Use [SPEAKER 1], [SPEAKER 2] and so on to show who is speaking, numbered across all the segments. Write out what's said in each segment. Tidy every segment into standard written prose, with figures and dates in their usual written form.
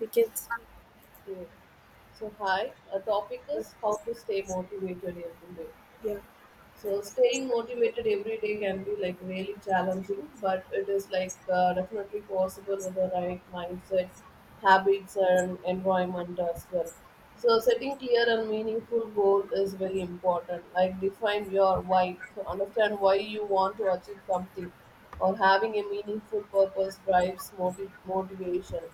[SPEAKER 1] We can sleep.
[SPEAKER 2] Okay. So, hi, our topic is how to stay motivated every day.
[SPEAKER 1] yeah
[SPEAKER 2] So, staying motivated every day can be like really challenging, but it is like definitely possible with the right mindset, habits, and environment as well. So, setting clear and meaningful goal is very important. Like, define your why, so understand why you want to achieve something, or having a meaningful purpose drives motivation,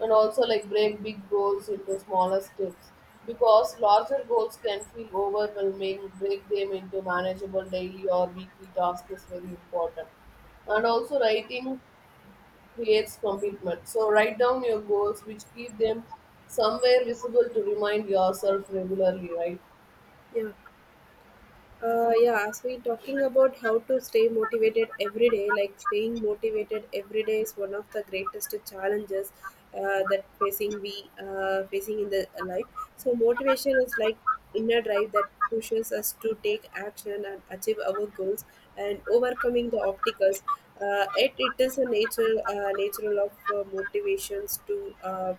[SPEAKER 2] and also like break big goals into smaller steps because larger goals can feel overwhelming. Break them into manageable daily or weekly tasks is very important, and also writing creates commitment, so write down your goals which keep them somewhere visible to remind yourself regularly, right?
[SPEAKER 1] yeah yeah. As we talking about how to stay motivated every day, like staying motivated every day is one of the greatest challenges that facing we facing in the life. So motivation is like inner drive that pushes us to take action and achieve our goals and overcoming the obstacles. It is a nature natural of motivations to uh,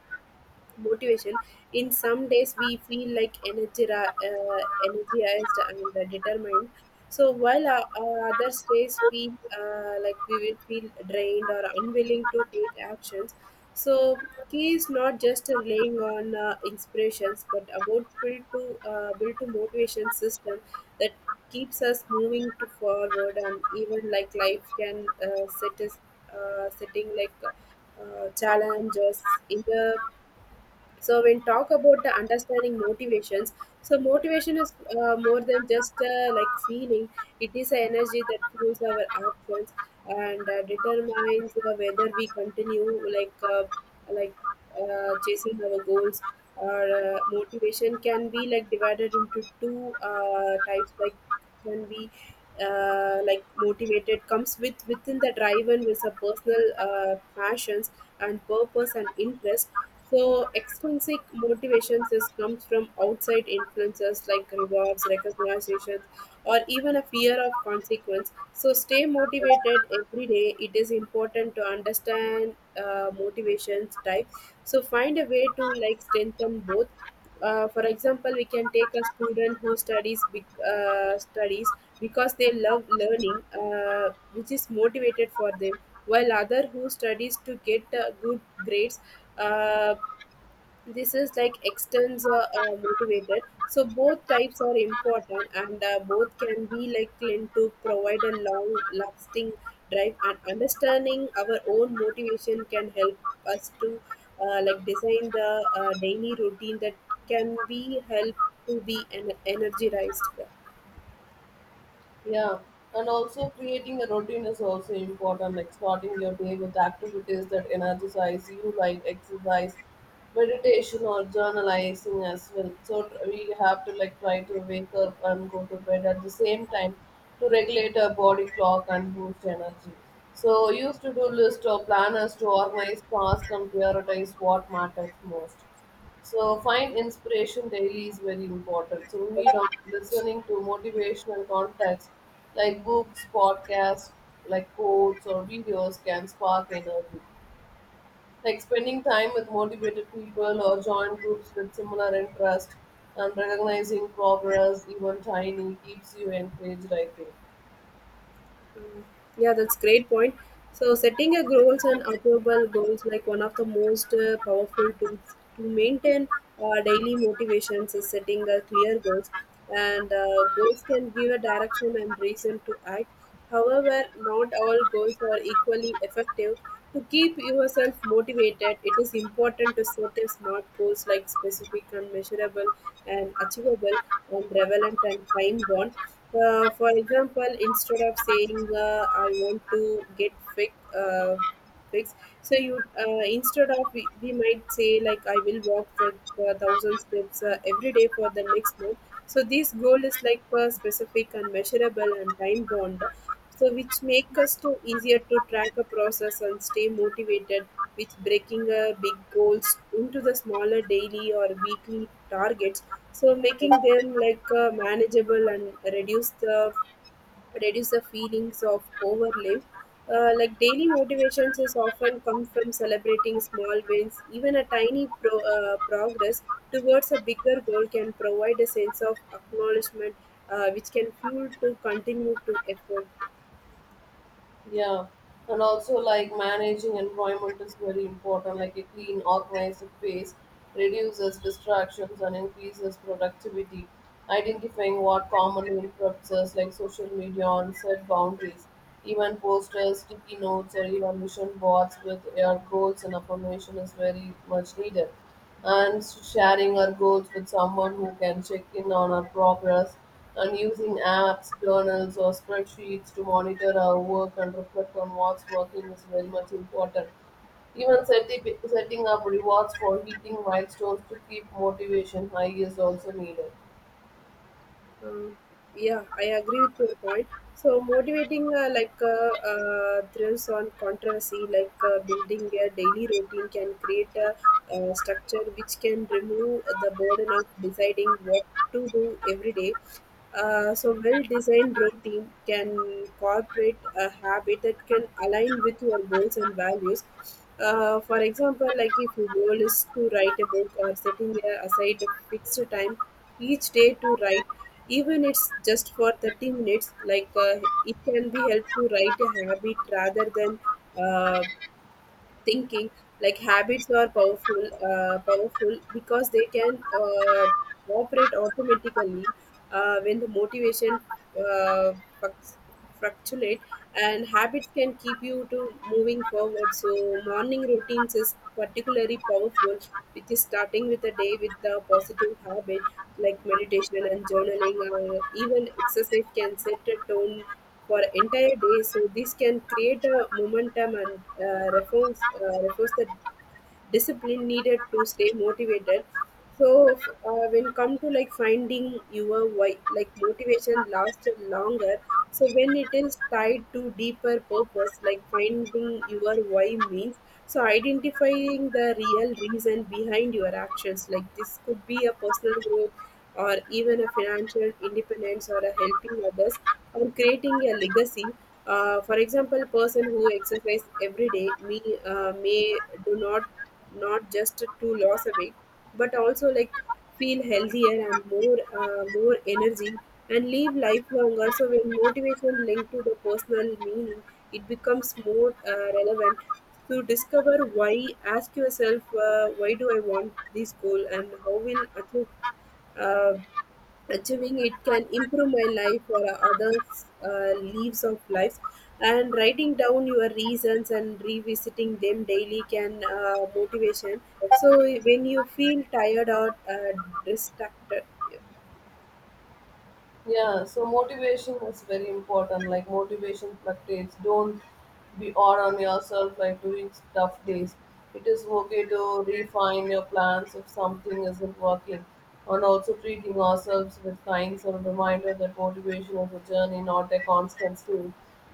[SPEAKER 1] motivation. In some days, we feel like energy, energized and determined. So while our other days we like we will feel drained or unwilling to take actions. So key is not just relying on inspirations, but about build to motivation system that keeps us moving to forward, and even like life can setting like challenges in the. So when talk about the understanding motivations, so motivation is more than just like feeling. It is an energy that fuels our actions and determines whether we continue like chasing our goals, or motivation can be like divided into two types, like can be like motivated comes with within the drive and with a personal passions and purpose and interest. So extrinsic motivations is comes from outside influences like rewards recognitions or even a fear of consequence. So stay motivated every day, it is important to understand motivations type, so find a way to like strengthen both. For example, we can take a student who studies because they love learning, which is motivated for them, while other who studies to get good grades. Uh, this is like extends motivated. So both types are important, and both can be like linked to provide a long lasting drive. And understanding our own motivation can help us to like design the daily routine that can be help to be energized.
[SPEAKER 2] Yeah, and also creating a routine is also important, like starting your day with activities that energize you, like exercise, meditation, or journalizing as well. So we have to like try to wake up and go to bed at the same time to regulate our body clock and boost energy. So use to do list or planners to organize tasks and prioritize what matters most. So find inspiration daily is very important. So read on listening to motivational contacts like books, podcasts, like quotes or videos can spark energy. Like spending time with motivated people or join groups with similar interest, and recognizing progress, even tiny, keeps you encouraged, I think.
[SPEAKER 1] Yeah, that's great point. So setting your goals and achievable goals, like one of the most powerful tools to maintain our daily motivations is setting a clear goals, and goals can give a direction and reason to act. However, not all goals are equally effective. To keep yourself motivated, it is important to set a smart goals like specific and measurable and achievable and relevant and time bound. For example, instead of saying I want to get fit, fixed, so you instead of we might say like I will walk the 1,000 steps every day for the next month. So this goal is like a specific and measurable and time bound, so which make us to easier to track a process and stay motivated with breaking big goals into the smaller daily or weekly targets, so making them like manageable and reduce the feelings of overlive. Like daily motivations is often come from celebrating small wins. Even a progress towards a bigger goal can provide a sense of acknowledgement, which can fuel to continue to effort.
[SPEAKER 2] Yeah, and also like managing environment is very important. Like a clean, organized space reduces distractions and increases productivity. Identifying what commonly interrupts us, like social media, and set boundaries, even posters, sticky notes, or even vision boards with your goals and affirmation is very much needed, and sharing our goals with someone who can check in on our progress, and using apps, journals, or spreadsheets to monitor our work and reflect on what's working is very much important. Even setting up rewards for hitting milestones to keep motivation high is also needed.
[SPEAKER 1] Um, yeah, I agree with your point. So motivating thrives on controversy, like building a daily routine can create a, structure which can remove the burden of deciding what to do every day. So well-designed routine can incorporate a habit that can align with your goals and values. For example, like if your goal is to write a book or setting a, aside a fixed time each day to write, even it's just for 30 minutes, like it can be helped to write a habit rather than uh, thinking. Like habits are powerful because they can operate automatically when the motivation uh, fluct- fluctuate, and habits can keep you to moving forward. So morning routines is particularly powerful, which is starting with the day with the positive habit like meditation and journaling or even exercise can set a tone for entire day. So this can create a momentum and reinforce the discipline needed to stay motivated. When come to like finding your why, like motivation lasts longer. So when it is tied to deeper purpose, like finding your why means. So identifying the real reason behind your actions, like this could be a personal growth or even a financial independence or a helping others or creating a legacy. For example, person who exercise every day me may do not not just to lose a weight, but also like feel healthier and more energy and live life longer. So when motivation linked to the personal meaning, it becomes more relevant. To discover why, ask yourself why do I want this goal and how will achieve uh, achieving it can improve my life or others' lives. And writing down your reasons and revisiting them daily can motivation. So when you feel tired or distracted.
[SPEAKER 2] Yeah, so motivation is very important. Like motivation fluctuates. Don't be hard on yourself like during tough days. It is okay to refine your plans if something isn't working. And also treating ourselves with kindness and a reminder that motivation is a journey, not a constant state.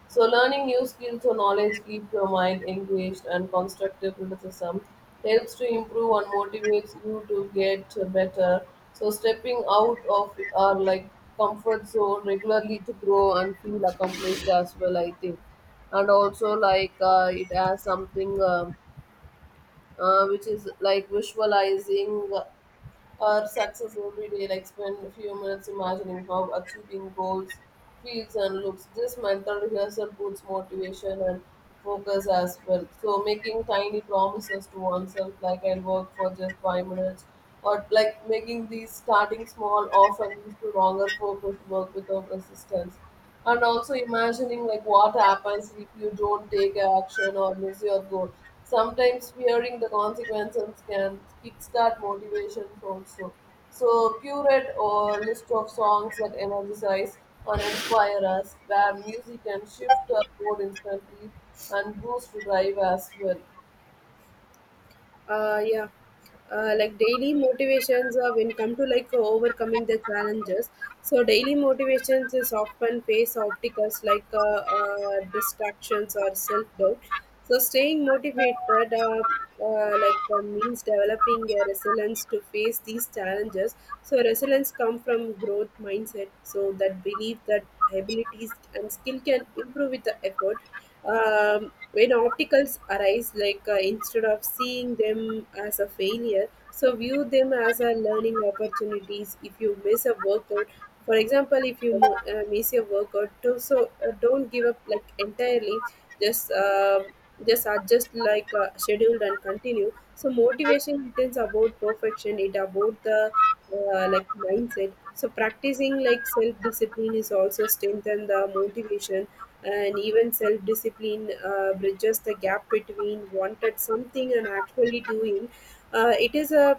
[SPEAKER 2] So, learning new skills or knowledge keep your mind engaged, and constructive criticism helps to improve and motivates you to get better. So, stepping out of our like comfort zone regularly to grow and feel accomplished as well, I think. And also, like it has something which is like visualizing our success every day, like spend a few minutes imagining how achieving goals feels and looks. This mental rehearsal puts motivation and focus as well. So making tiny promises to oneself, like I'll work for just 5 minutes, or like making these starting small often leads to longer focused work without resistance. And also imagining like what happens if you don't take action or miss your goal, sometimes fearing the consequences can kickstart motivation also. So curate a list of songs that energize and inspire us, where music can shift our mood instantly and boost drive as well.
[SPEAKER 1] Yeah, like daily motivations, when come to like overcoming the challenges. So daily motivations is often face obstacles like distractions or self-doubt. So staying motivated, means developing a resilience to face these challenges. So resilience come from growth mindset, so that belief that abilities and skill can improve with the effort. When obstacles arise, like instead of seeing them as a failure, so view them as a learning opportunities. If you miss a workout, for example, if you miss your workout, don't give up like entirely. Just uh, just adjust like scheduled and continue. So motivation doesn't about perfection. It about the like mindset. So practicing like self discipline is also strengthen the motivation, and even self discipline bridges the gap between wanted something and actually doing. It is a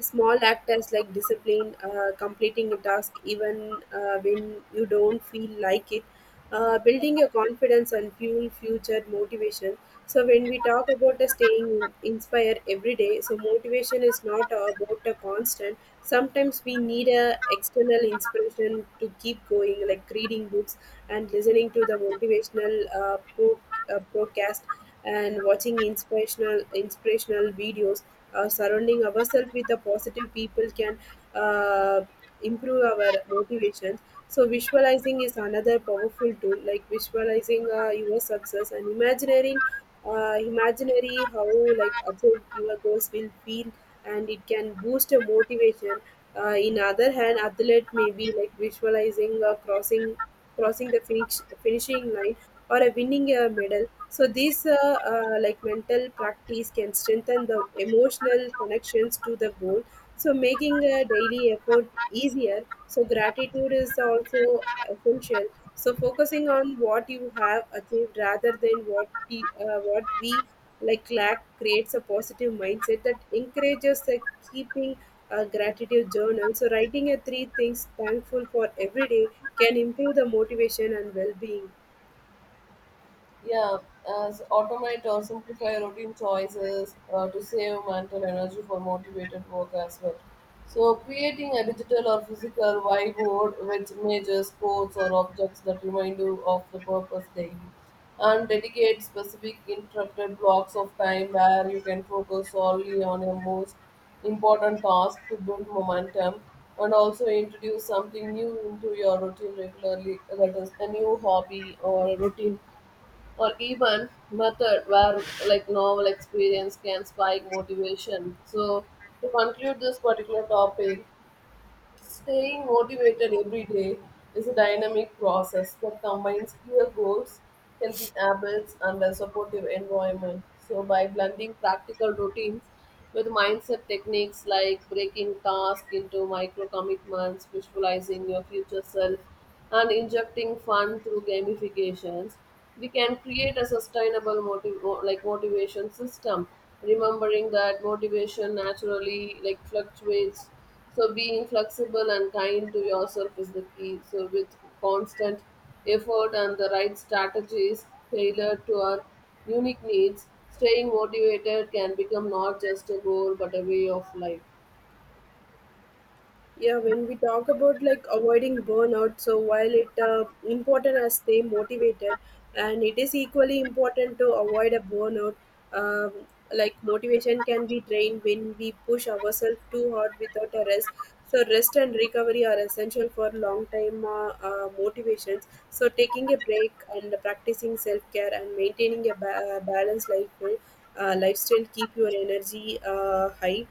[SPEAKER 1] Small actors like discipline, completing a task even when you don't feel like it, building your confidence and fuel future motivation. So when we talk about the staying inspired every day, so motivation is not about a constant. Sometimes we need a external inspiration to keep going, like reading books and listening to the motivational broadcast and watching inspirational videos. Surrounding ourselves with the positive people can uh, improve our motivation. So visualizing is another powerful tool, like visualizing your success and imagining imaginary how like achieve your goals will feel, and it can boost your motivation. In other hand, athlete may be like visualizing crossing the finishing line or a winning a medal. So these like mental practice can strengthen the emotional connections to the goal, so making a daily effort easier. So gratitude is also essential. So focusing on what you have achieved rather than what we like lack creates a positive mindset that encourages the keeping a gratitude journal. So, writing a three things thankful for every day can improve the motivation and well being.
[SPEAKER 2] Yeah, as automate or simplify routine choices to save mental energy for motivated work as well. So, creating a digital or physical vibe board with images, quotes, or objects that remind you of the purpose daily, and dedicate specific interrupted blocks of time where you can focus solely on your most important task to build momentum, and also introduce something new into your routine regularly, that is, a new hobby or a routine or even method where like novel experience can spike motivation. So to conclude this particular topic, staying motivated every day is a dynamic process that combines clear goals, healthy habits, and a supportive environment. So by blending practical routines with mindset techniques, like breaking tasks into micro commitments, visualizing your future self, and injecting fun through gamifications, we can create a sustainable like motivation system, remembering that motivation naturally like fluctuates, so being flexible and kind to yourself is the key. So with constant effort and the right strategies tailored to our unique needs, staying motivated can become not just a goal but a way of life.
[SPEAKER 1] Yeah, when we talk about like avoiding burnout, so while it important as stay motivated, and it is equally important to avoid a burnout. Um, like motivation can be drained when we push ourselves too hard without a rest. So rest and recovery are essential for long time motivations. So taking a break and practicing self care and maintaining a balanced lifestyle keep your energy high.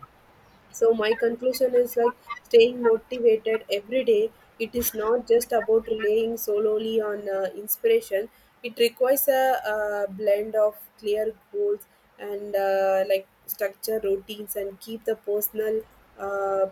[SPEAKER 1] So my conclusion is like staying motivated every day, it is not just about relying solely on inspiration. It requires a, blend of clear goals and like structure routines and uh,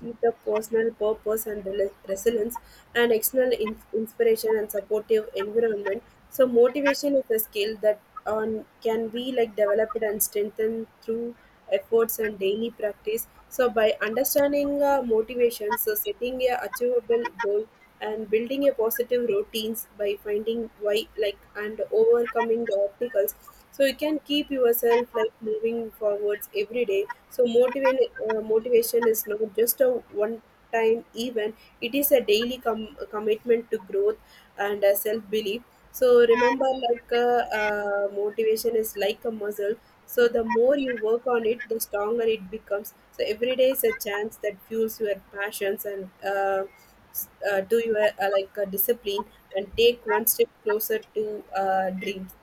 [SPEAKER 1] keep the personal purpose and resilience and external inspiration and supportive environment. So motivation is a skill that on can be like developed and strengthened through efforts, and daily practice. So, by understanding motivations, so setting a achievable goal, and building a positive routines by finding why, like, and overcoming the obstacles, so you can keep yourself like moving forwards every day. So motivation is not just a one time event. It is a daily commitment to growth and self belief. So remember, like motivation is like a muscle. So the more you work on it, the stronger it becomes. So every day is a chance that fuels your passions and to your like discipline and take one step closer to dreams.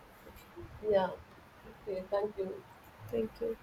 [SPEAKER 2] Yeah, okay, thank you.
[SPEAKER 1] Thank you.